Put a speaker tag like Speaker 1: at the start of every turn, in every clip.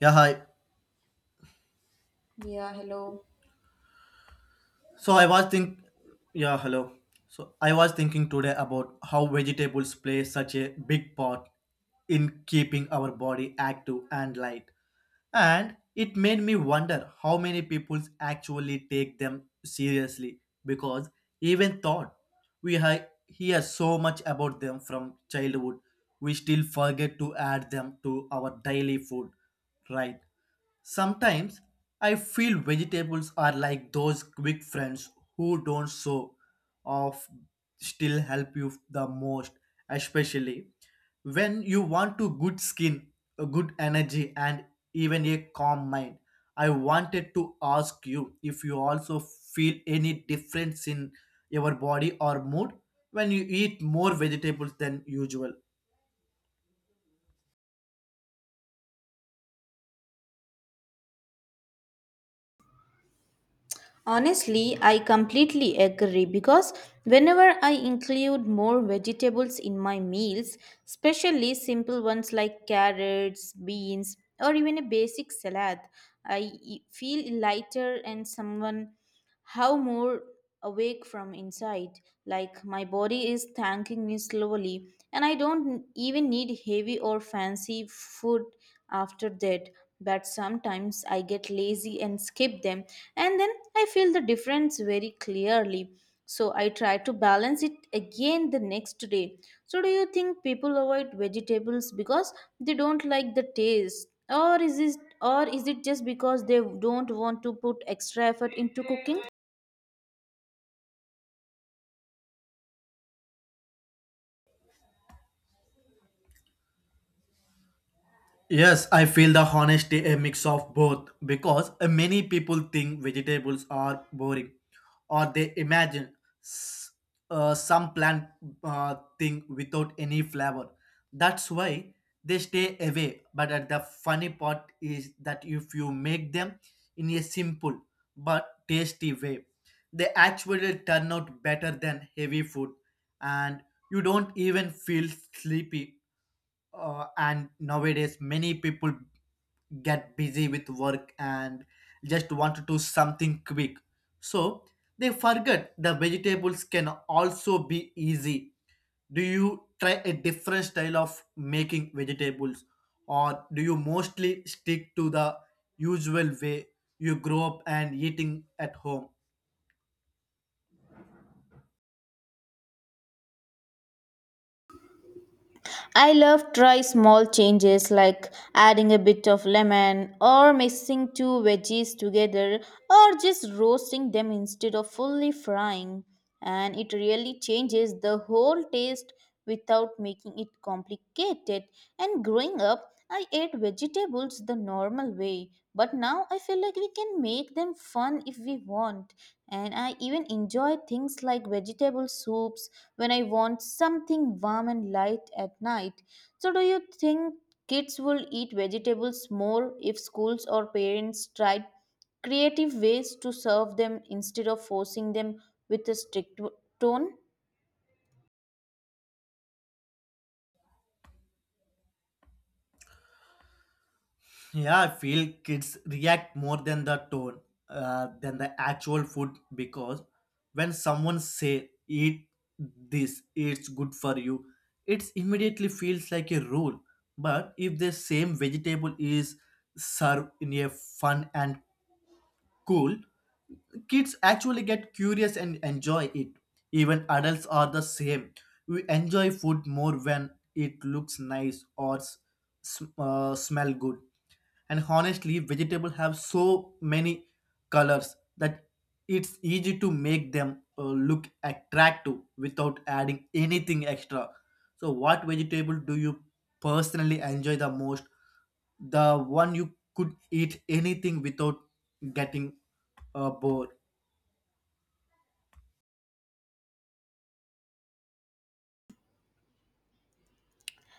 Speaker 1: Yeah, hi.
Speaker 2: Yeah, hello.
Speaker 1: So I was think yeah, hello. So I was thinking today about how vegetables play such a big part in keeping our body active and light. And it made me wonder how many people actually take them seriously because even thought we hear so much about them from childhood, we still forget to add them to our daily food, right? Sometimes I feel vegetables are like those quick friends who don't show off, still help you the most, especially when you want to good skin, a good energy, and even a calm mind. I wanted to ask you if you also feel any difference in your body or mood when you eat more vegetables than usual.
Speaker 2: Honestly, I completely agree because whenever I include more vegetables in my meals, especially simple ones like carrots, beans, or even a basic salad, feel lighter and someone how more awake from inside, like my body is thanking me slowly, and I don't even need heavy or fancy food after that. But sometimes I get lazy and skip them, and then I feel the difference very clearly. So I try to balance it again the next day. So do you think people avoid vegetables because they don't like the taste or is it just because they don't want to put extra effort into cooking?
Speaker 1: Yes, I feel the honesty a mix of both because many people think vegetables are boring or they imagine s- some plant thing without any flavor. That's why they stay away. But the funny part is that if you make them in a simple but tasty way, they actually turn out better than heavy food and you don't even feel sleepy, and nowadays many people get busy with work and just want to do something quick so they forget the vegetables can also be easy. Do you try a different style of making vegetables, or do you mostly stick to the usual way you grow up and eating at home?
Speaker 2: I love try small changes like adding a bit of lemon or mixing two veggies together or just roasting them instead of fully frying, and it really changes the whole taste without making it complicated. And growing up, I ate vegetables the normal way, but now I feel like we can make them fun if we want, and I even enjoy things like vegetable soups when I want something warm and light at night. So, do you think kids will eat vegetables more if schools or parents tried creative ways to serve them instead of forcing them with a strict tone?
Speaker 1: Yeah, I feel kids react more than the tone, than the actual food because when someone say eat this, it's good for you, it immediately feels like a rule. But if the same vegetable is served in a fun and cool, kids actually get curious and enjoy it. Even adults are the same. We enjoy food more when it looks nice or smell good and honestly, vegetables have so many colors that it's easy to make them look attractive without adding anything extra. So, what vegetable do you personally enjoy the most? The one you could eat anything without getting bored.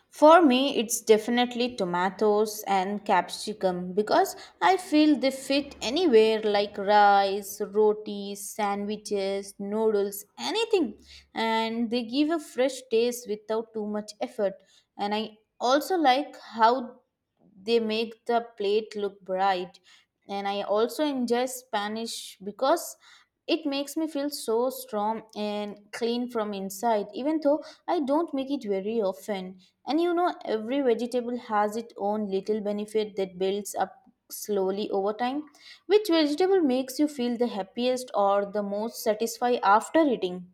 Speaker 2: For me, it's definitely tomatoes and capsicum because I feel they fit anywhere like rice, rotis, sandwiches, noodles, anything. And they give a fresh taste without too much effort. And I also like how they make the plate look bright. And I also enjoy Spanish because it makes me feel so strong and clean from inside, even though I don't make it very often. And you know, every vegetable has its own little benefit that builds up slowly over time. Which vegetable makes you feel the happiest or the most satisfied after eating?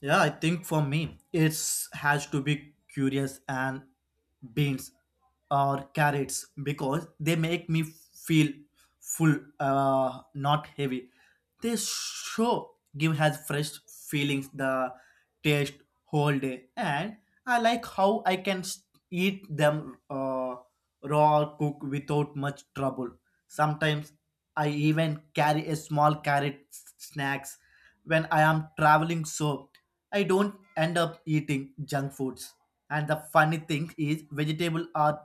Speaker 1: Yeah, I think for me, it's has to be curious and beans or carrots because they make me feel full, not heavy. They show give has fresh feelings the taste whole day, and I like how I can eat them raw or cook without much trouble. Sometimes I even carry a small snacks when I am traveling so I don't end up eating junk foods. And the funny thing is, vegetables are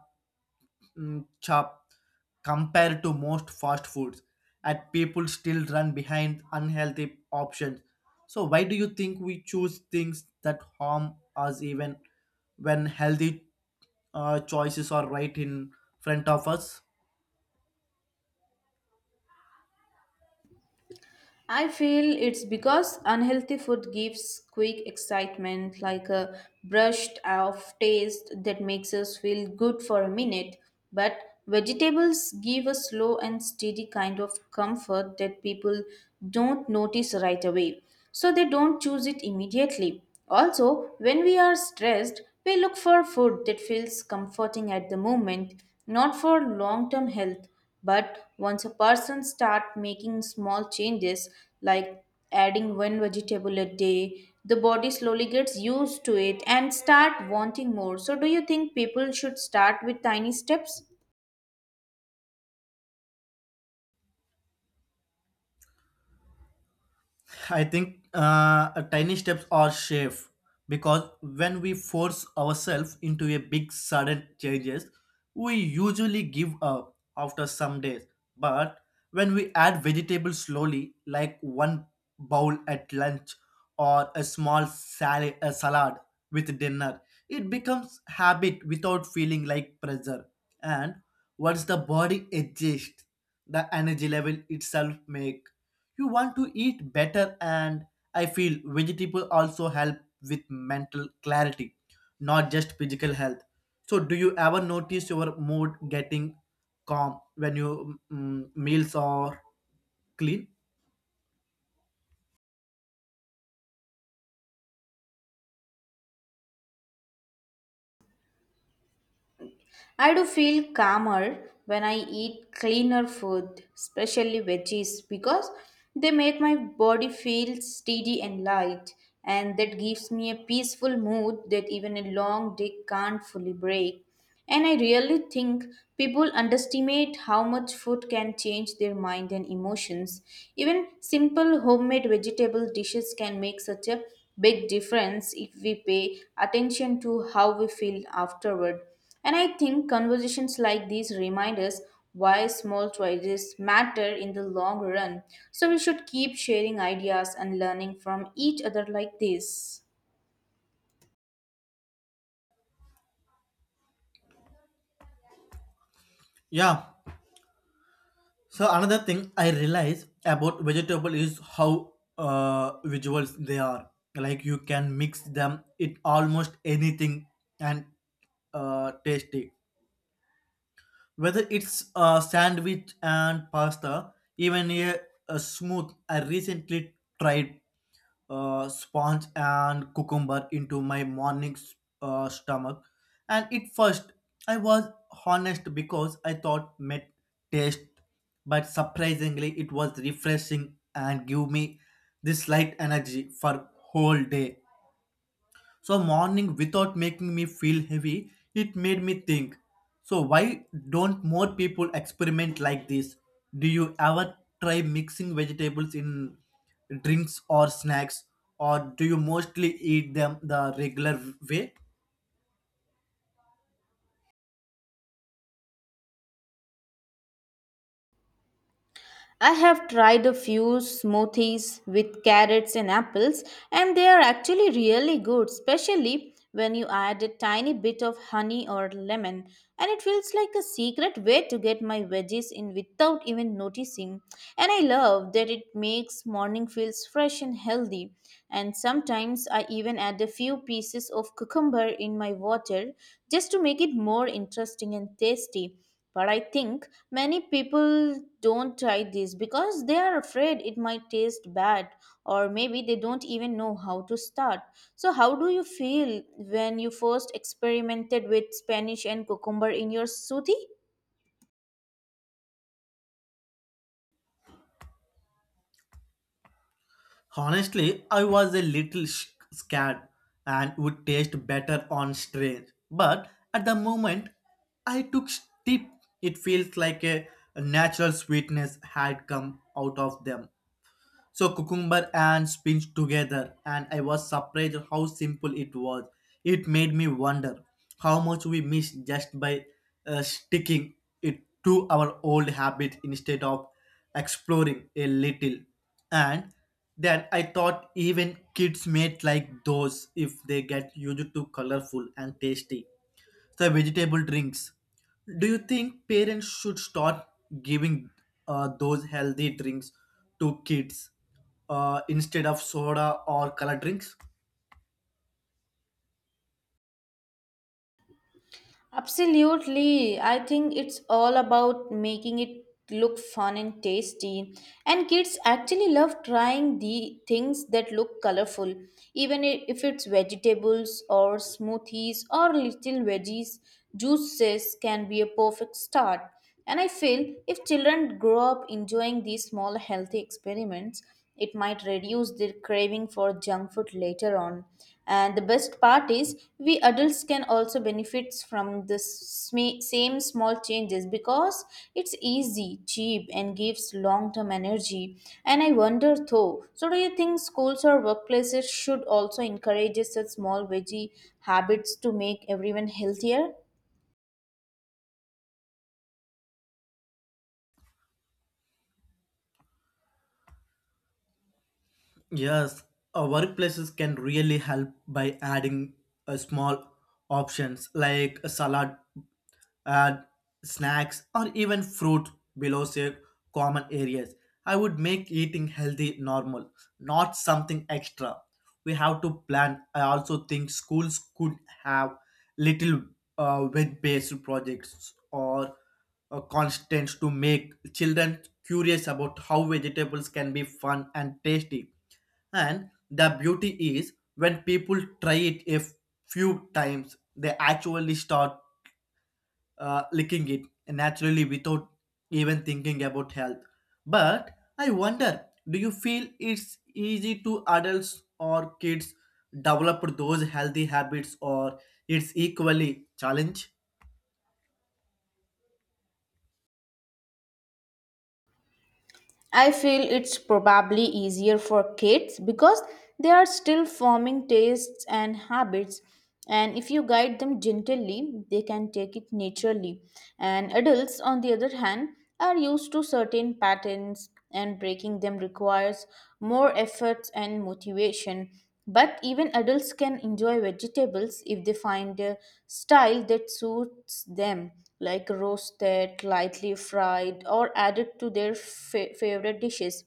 Speaker 1: chopped compared to most fast foods, and people still run behind unhealthy options. So why do you think we choose things that harm us even when healthy choices are right in front of us?
Speaker 2: I feel it's because unhealthy food gives quick excitement, like a brushed off taste that makes us feel good for a minute. But vegetables give a slow and steady kind of comfort that people don't notice right away. So they don't choose it immediately. Also, when we are stressed, we look for food that feels comforting at the moment, not for long term health. But once a person start making small changes like adding one vegetable a day, the body slowly gets used to it and start wanting more. So do you think people should start with tiny steps?
Speaker 1: I think a tiny steps are safe because when we force ourselves into a big sudden changes, we usually give up after some days. But when we add vegetables slowly, like one bowl at lunch or a salad with dinner, it becomes habit without feeling like pressure. And once the body adjusts, the energy level itself make you want to eat better, and I feel vegetable also help with mental clarity, not just physical health. So do you ever notice your mood getting calm when your meals are clean?
Speaker 2: I do feel calmer when I eat cleaner food, especially veggies, because they make my body feel steady and light, and that gives me a peaceful mood that even a long day can't fully break. And I really think people underestimate how much food can change their mind and emotions. Even simple homemade vegetable dishes can make such a big difference if we pay attention to how we feel afterward. And I think conversations like these remind us why small choices matter in the long run. So we should keep sharing ideas and learning from each other like this.
Speaker 1: Yeah, so another thing I realize about vegetable is how visuals they are. Like you can mix them in almost anything and tasty. Whether it's a sandwich and pasta, even a smooth, I recently tried sponge and cucumber into my morning stomach. And at first, I was honest because I thought met taste, but surprisingly, it was refreshing and give me this light energy for whole day. So morning without making me feel heavy, it made me think. So why don't more people experiment like this? Do you ever try mixing vegetables in drinks or snacks, or do you mostly eat them the regular way?
Speaker 2: I have tried a few smoothies with carrots and apples, and they are actually really good, especially when you add a tiny bit of honey or lemon. And it feels like a secret way to get my veggies in without even noticing. And I love that it makes morning feels fresh and healthy. And sometimes I even add a few pieces of cucumber in my water just to make it more interesting and tasty. But I think many people don't try this because they are afraid it might taste bad or maybe they don't even know how to start. So, how do you feel when you first experimented with Spanish and cucumber in your suti?
Speaker 1: Honestly, I was a little scared and would taste better on strange. But at the moment, I took steep. It feels like a natural sweetness had come out of them. So cucumber and spinach together, and I was surprised how simple it was. It made me wonder how much we miss just by sticking it to our old habit instead of exploring a little. And then I thought even kids may like those if they get used to colorful and tasty the vegetable drinks. Do you think parents should start giving those healthy drinks to kids instead of soda or color drinks?
Speaker 2: Absolutely. I think it's all about making it look fun and tasty. And kids actually love trying the things that look colorful, even if it's vegetables or smoothies or little veggies. Juices can be a perfect start. And I feel if children grow up enjoying these small healthy experiments, it might reduce their craving for junk food later on. And the best part is, we adults can also benefit from the same small changes because it's easy, cheap, and gives long term energy. And I wonder though, so do you think schools or workplaces should also encourage such small veggie habits to make everyone healthier?
Speaker 1: Yes, workplaces can really help by adding small options like a salad, add snacks, or even fruit below say common areas. I would make eating healthy normal, not something extra. We have to plan. I also think schools could have little web-based projects or constants to make children curious about how vegetables can be fun and tasty, and the beauty is when people try it a few times, they actually start licking it naturally without even thinking about health. But I wonder, do you feel it's easy to adults or kids develop those healthy habits or it's equally challenge?
Speaker 2: I feel it's probably easier for kids because they are still forming tastes and habits. And if you guide them gently, they can take it naturally. And adults, on the other hand, are used to certain patterns, and breaking them requires more efforts and motivation. But even adults can enjoy vegetables if they find a style that suits them, like roasted, lightly fried, or added to their favorite dishes.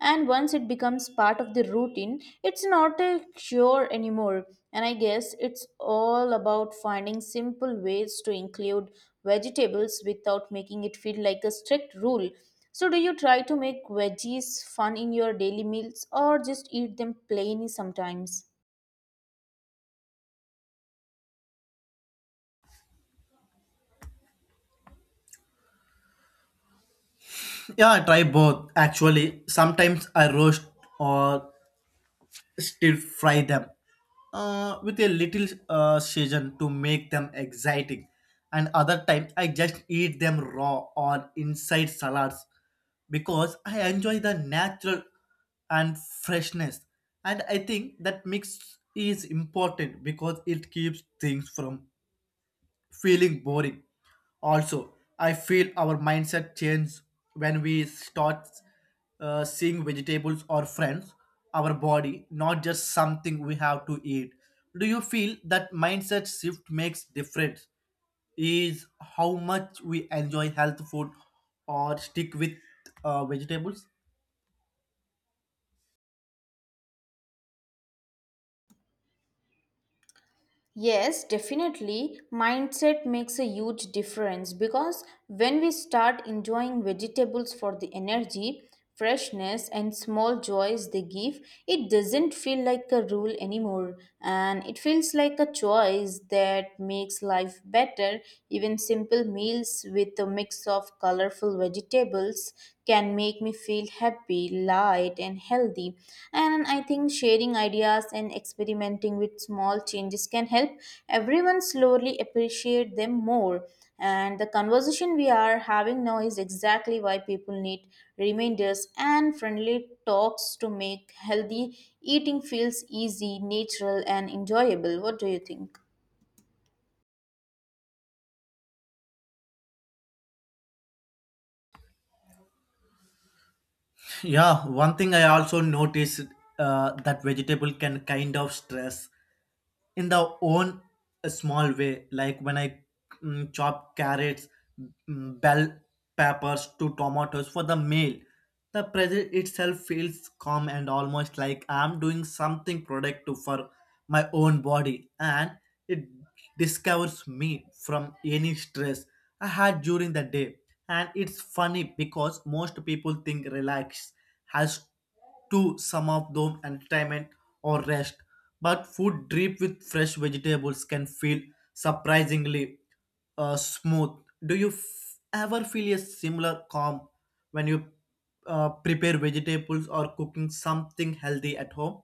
Speaker 2: And once it becomes part of the routine, it's not a cure anymore. And I guess it's all about finding simple ways to include vegetables without making it feel like a strict rule. So, do you try to make veggies fun in your daily meals or just eat them plain sometimes?
Speaker 1: Yeah, I try both actually. Sometimes I roast or still fry them with a little season to make them exciting. And other time, I just eat them raw or inside salads because I enjoy the natural and freshness. And I think that mix is important because it keeps things from feeling boring. Also, I feel our mindset change when we start seeing vegetables or friends, our body, not just something we have to eat. Do you feel that mindset shift makes difference? Is how much we enjoy health food or stick with vegetables?
Speaker 2: Yes, definitely. Mindset makes a huge difference because when we start enjoying vegetables for the energy, freshness, and small joys they give, it doesn't feel like a rule anymore, and it feels like a choice that makes life better. Even simple meals with a mix of colorful vegetables can make me feel happy, light, and healthy. And I think sharing ideas and experimenting with small changes can help everyone slowly appreciate them more. And the conversation we are having now is exactly why people need reminders and friendly talks to make healthy eating feels easy, natural, and enjoyable. What do you think?
Speaker 1: Yeah, one thing I also noticed, that vegetable can kind of stress in the own a small way, like when I chop carrots, bell peppers to tomatoes for the meal, the present itself feels calm and almost like I'm doing something productive for my own body, and it discovers me from any stress I had during the day. And it's funny because most people think relax has to some of them entertainment or rest. But food drip with fresh vegetables can feel surprisingly smooth. Do you ever feel a similar calm when you prepare vegetables or cooking something healthy at home?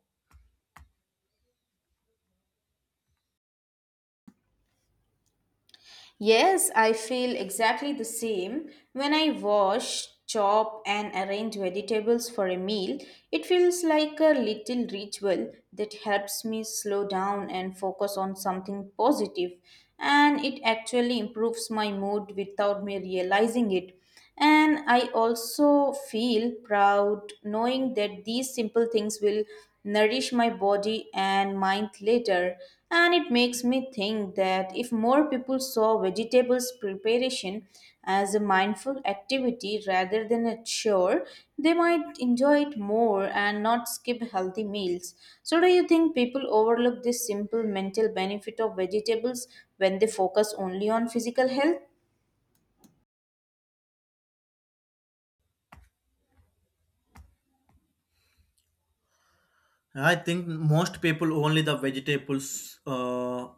Speaker 2: Yes, I feel exactly the same. When I wash, chop, and arrange vegetables for a meal, it feels like a little ritual that helps me slow down and focus on something positive, and it actually improves my mood without me realizing it. And I also feel proud knowing that these simple things will nourish my body and mind later. And it makes me think that if more people saw vegetables preparation as a mindful activity rather than a chore, they might enjoy it more and not skip healthy meals. So, do you think people overlook this simple mental benefit of vegetables when they focus only on physical health?
Speaker 1: I think most people only the vegetables,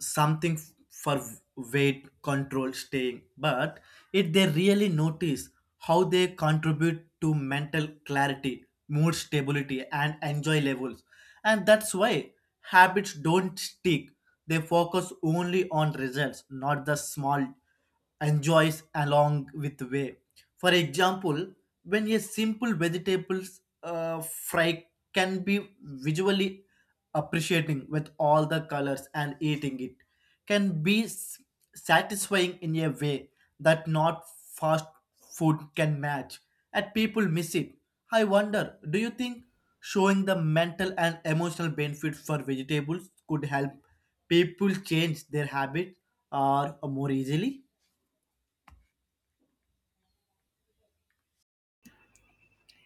Speaker 1: something for weight control staying. But if they really notice how they contribute to mental clarity, mood stability, and enjoy levels, and that's why habits don't stick. They focus only on results, not the small enjoys along with way. For example, when a simple vegetables fry can be visually appreciating with all the colors and eating it can be satisfying in a way that not fast food can match, and people miss it. I wonder, do you think showing the mental and emotional benefit for vegetables could help people change their habits or more easily?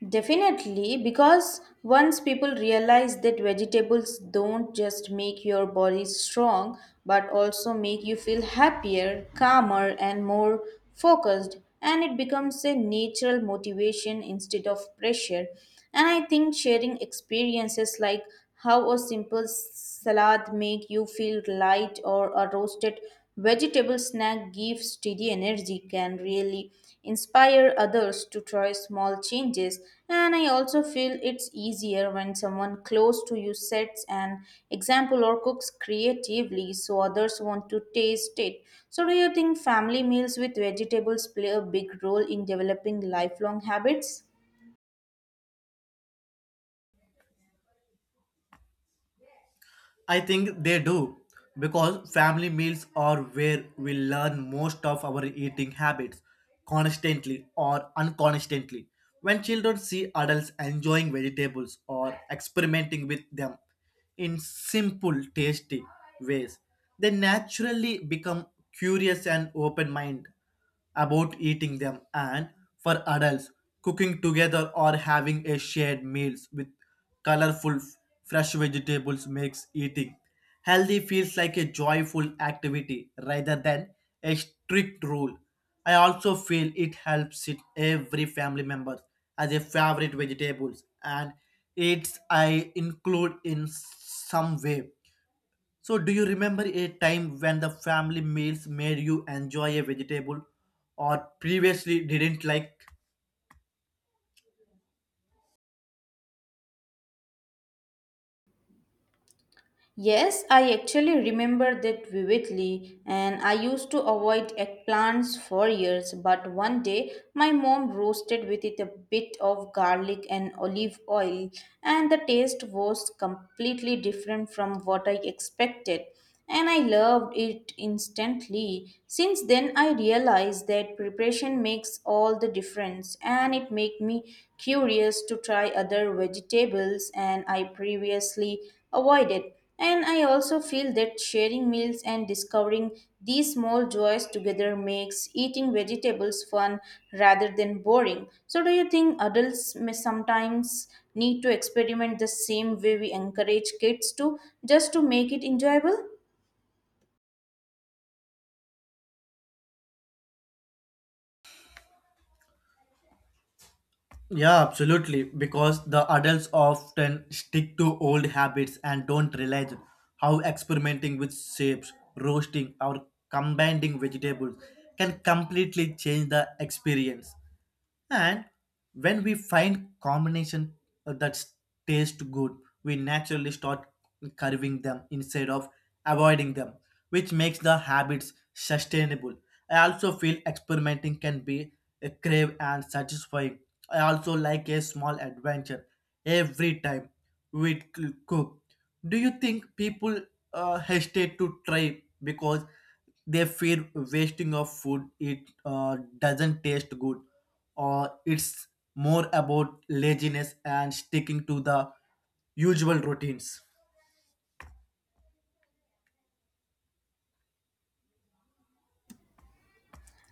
Speaker 2: Definitely, because once people realize that vegetables don't just make your body strong but also make you feel happier, calmer, and more focused, and it becomes a natural motivation instead of pressure. And I think sharing experiences like how a simple salad make you feel light or a roasted vegetable snack gives steady energy can really inspire others to try small changes. And I also feel it's easier when someone close to you sets an example or cooks creatively so others want to taste it. So do you think family meals with vegetables play a big role in developing lifelong habits?
Speaker 1: I think they do because family meals are where we learn most of our eating habits, constantly or unconsciously. When children see adults enjoying vegetables or experimenting with them in simple, tasty ways, they naturally become curious and open minded about eating them, and for adults cooking together or having a shared meals with colorful fresh vegetables makes eating healthy feels like a joyful activity rather than a strict rule. I also feel it helps it every family member as a favorite vegetables, and it's I include in some way. So, do you remember a time when the family meals made you enjoy a vegetable or previously didn't like?
Speaker 2: Yes, I actually remember that vividly, and I used to avoid eggplants for years. But one day, my mom roasted with it a bit of garlic and olive oil, and the taste was completely different from what I expected. And I loved it instantly. Since then, I realized that preparation makes all the difference, and it made me curious to try other vegetables and I previously avoided. And I also feel that sharing meals and discovering these small joys together makes eating vegetables fun rather than boring. So, do you think adults may sometimes need to experiment the same way we encourage kids to, just to make it enjoyable?
Speaker 1: Yeah, absolutely. Because the adults often stick to old habits and don't realize how experimenting with shapes, roasting, or combining vegetables can completely change the experience. And when we find combination that taste good, we naturally start curving them instead of avoiding them, which makes the habits sustainable. I also feel experimenting can be a crave and satisfying, I also like a small adventure every time we cook. Do you think people hesitate to try because they fear wasting of food it doesn't taste good, or it's more about laziness and sticking to the usual routines?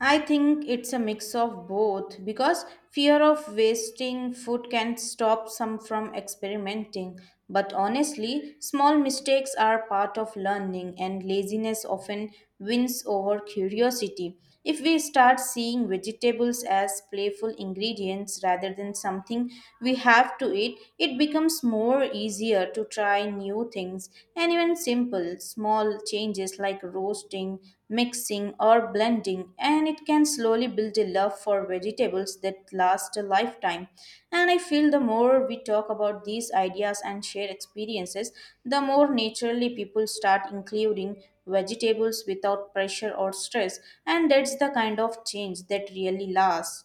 Speaker 2: I think it's a mix of both because fear of wasting food can stop some from experimenting. But honestly, small mistakes are part of learning, and laziness often wins over curiosity. If we start seeing vegetables as playful ingredients rather than something we have to eat, it becomes more easier to try new things, and even simple, small changes like roasting, mixing, or blending, and it can slowly build a love for vegetables that last a lifetime. And I feel the more we talk about these ideas and share experiences, the more naturally people start including vegetables without pressure or stress, and that's the kind of change that really lasts.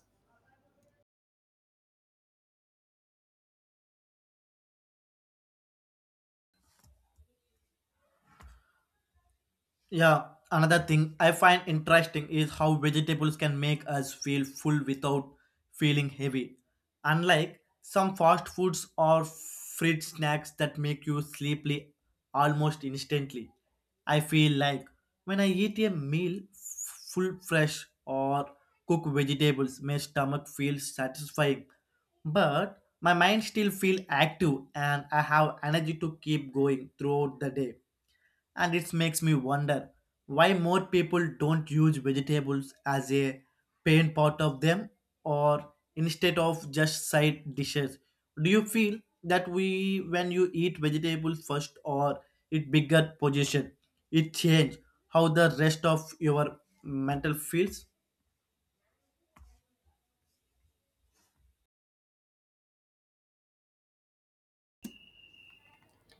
Speaker 1: Yeah, another thing I find interesting is how vegetables can make us feel full without feeling heavy. Unlike some fast foods or fridge snacks that make you sleepy almost instantly. I feel like when I eat a meal full fresh or cooked vegetables, my stomach feels satisfying, but my mind still feels active and I have energy to keep going throughout the day, and it makes me wonder why more people don't use vegetables as a main part of them or instead of just side dishes. Do you feel that we when you eat vegetables first or it bigger position, it change how the rest of your mental feels?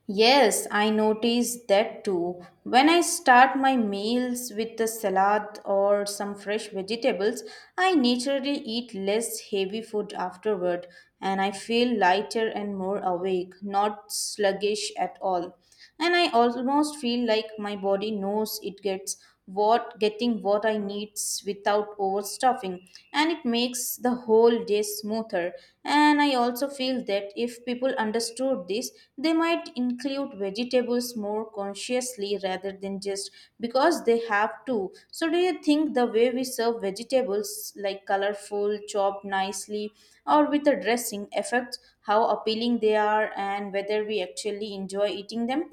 Speaker 2: Yes, I notice that too. When I start my meals with a salad or some fresh vegetables, I naturally eat less heavy food afterward, and I feel lighter and more awake, not sluggish at all. And I almost feel like my body knows it gets what getting what I needs without overstuffing, and it makes the whole day smoother. And I also feel that if people understood this, they might include vegetables more consciously rather than just because they have to. So do you think the way we serve vegetables, like colorful chopped nicely or with a dressing, affects how appealing they are and whether we actually enjoy eating them?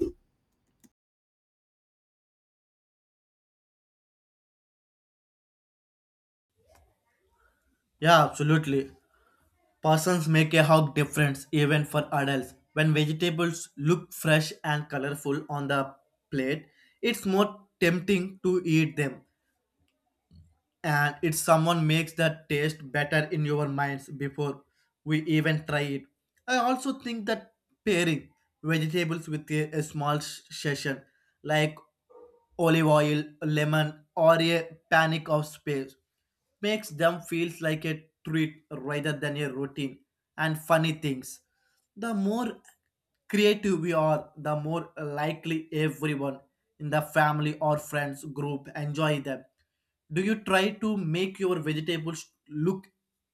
Speaker 1: Yeah, absolutely. Persons make a hug difference even for adults. When vegetables look fresh and colorful on the plate, it's more tempting to eat them, and it's someone makes that taste better in your minds before we even try it. I also think that pairing vegetables with a small session like olive oil lemon or a panic of space makes them feel like a treat rather than a routine. And funny things, the more creative we are, the more likely everyone in the family or friends group enjoy them. Do you try to make your vegetables look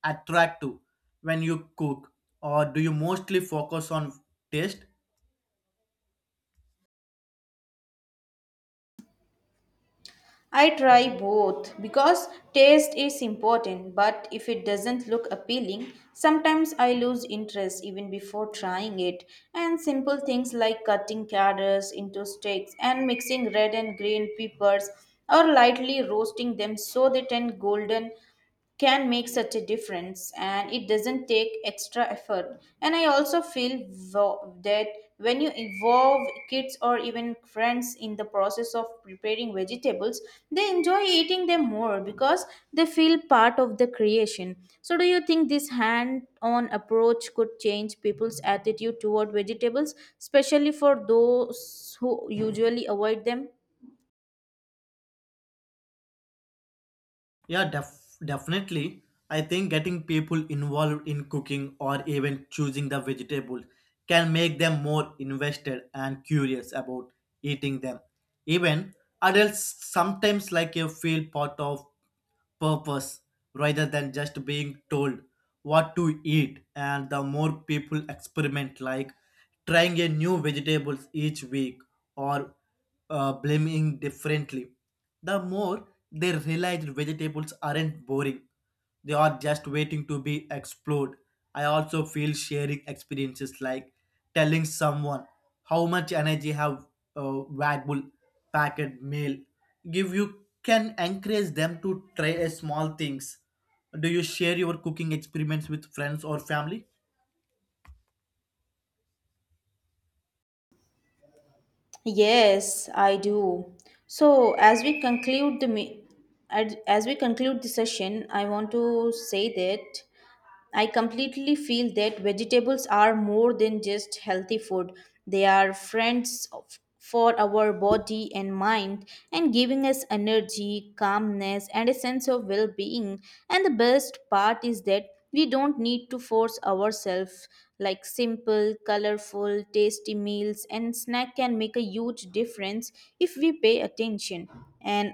Speaker 1: attractive when you cook, or do you mostly focus on taste?
Speaker 2: I try both because taste is important, but if it doesn't look appealing, sometimes I lose interest even before trying it. And simple things like cutting carrots into sticks and mixing red and green peppers or lightly roasting them so they turn golden can make such a difference, and it doesn't take extra effort. And I also feel that when you involve kids or even friends in the process of preparing vegetables, they enjoy eating them more because they feel part of the creation. So do you think this hand on approach could change people's attitude toward vegetables, especially for those who usually avoid them?
Speaker 1: Yeah, definitely. I think getting people involved in cooking or even choosing the vegetables can make them more invested and curious about eating them. Even adults sometimes like you feel part of purpose rather than just being told what to eat, and the more people experiment like trying a new vegetables each week or blaming differently, the more they realize vegetables aren't boring, they are just waiting to be explored. I also feel sharing experiences like telling someone how much energy have valuable packet mail give you can encourage them to try a small things. Do you share your cooking experiments with friends or family?
Speaker 2: Yes, I do. So, as we conclude the as we conclude the session, I want to say that I completely feel that vegetables are more than just healthy food. They are for our body and mind, and giving us energy, calmness, and a sense of well being. And the best part is that we don't need to force ourselves. Like simple, colorful, tasty meals and snack can make a huge difference if we pay attention. And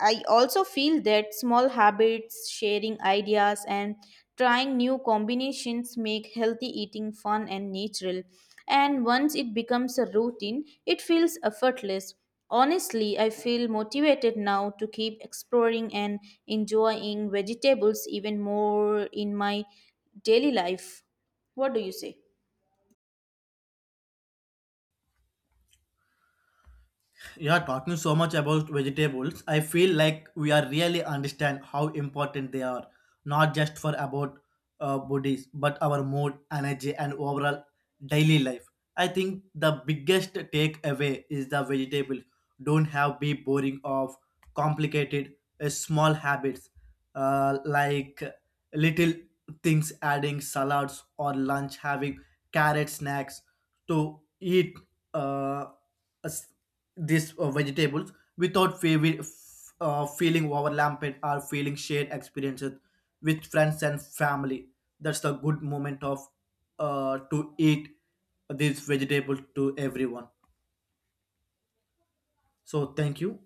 Speaker 2: I also feel that small habits, sharing ideas, and trying new combinations make healthy eating fun and natural. And once it becomes a routine, it feels effortless. Honestly, I feel motivated now to keep exploring and enjoying vegetables even more in my daily life. What do you say?
Speaker 1: Yeah, talking so much about vegetables I feel like we are really understand how important they are, not just for about bodies but our mood energy and overall daily life. I think the biggest takeaway is the vegetables don't have be boring of complicated, small habits like little things adding salads or lunch having carrot snacks to eat uh, as- these vegetables without feeling overwhelmed or feeling shared experiences with friends and family. That's the good moment of to eat these vegetables to everyone. So thank you.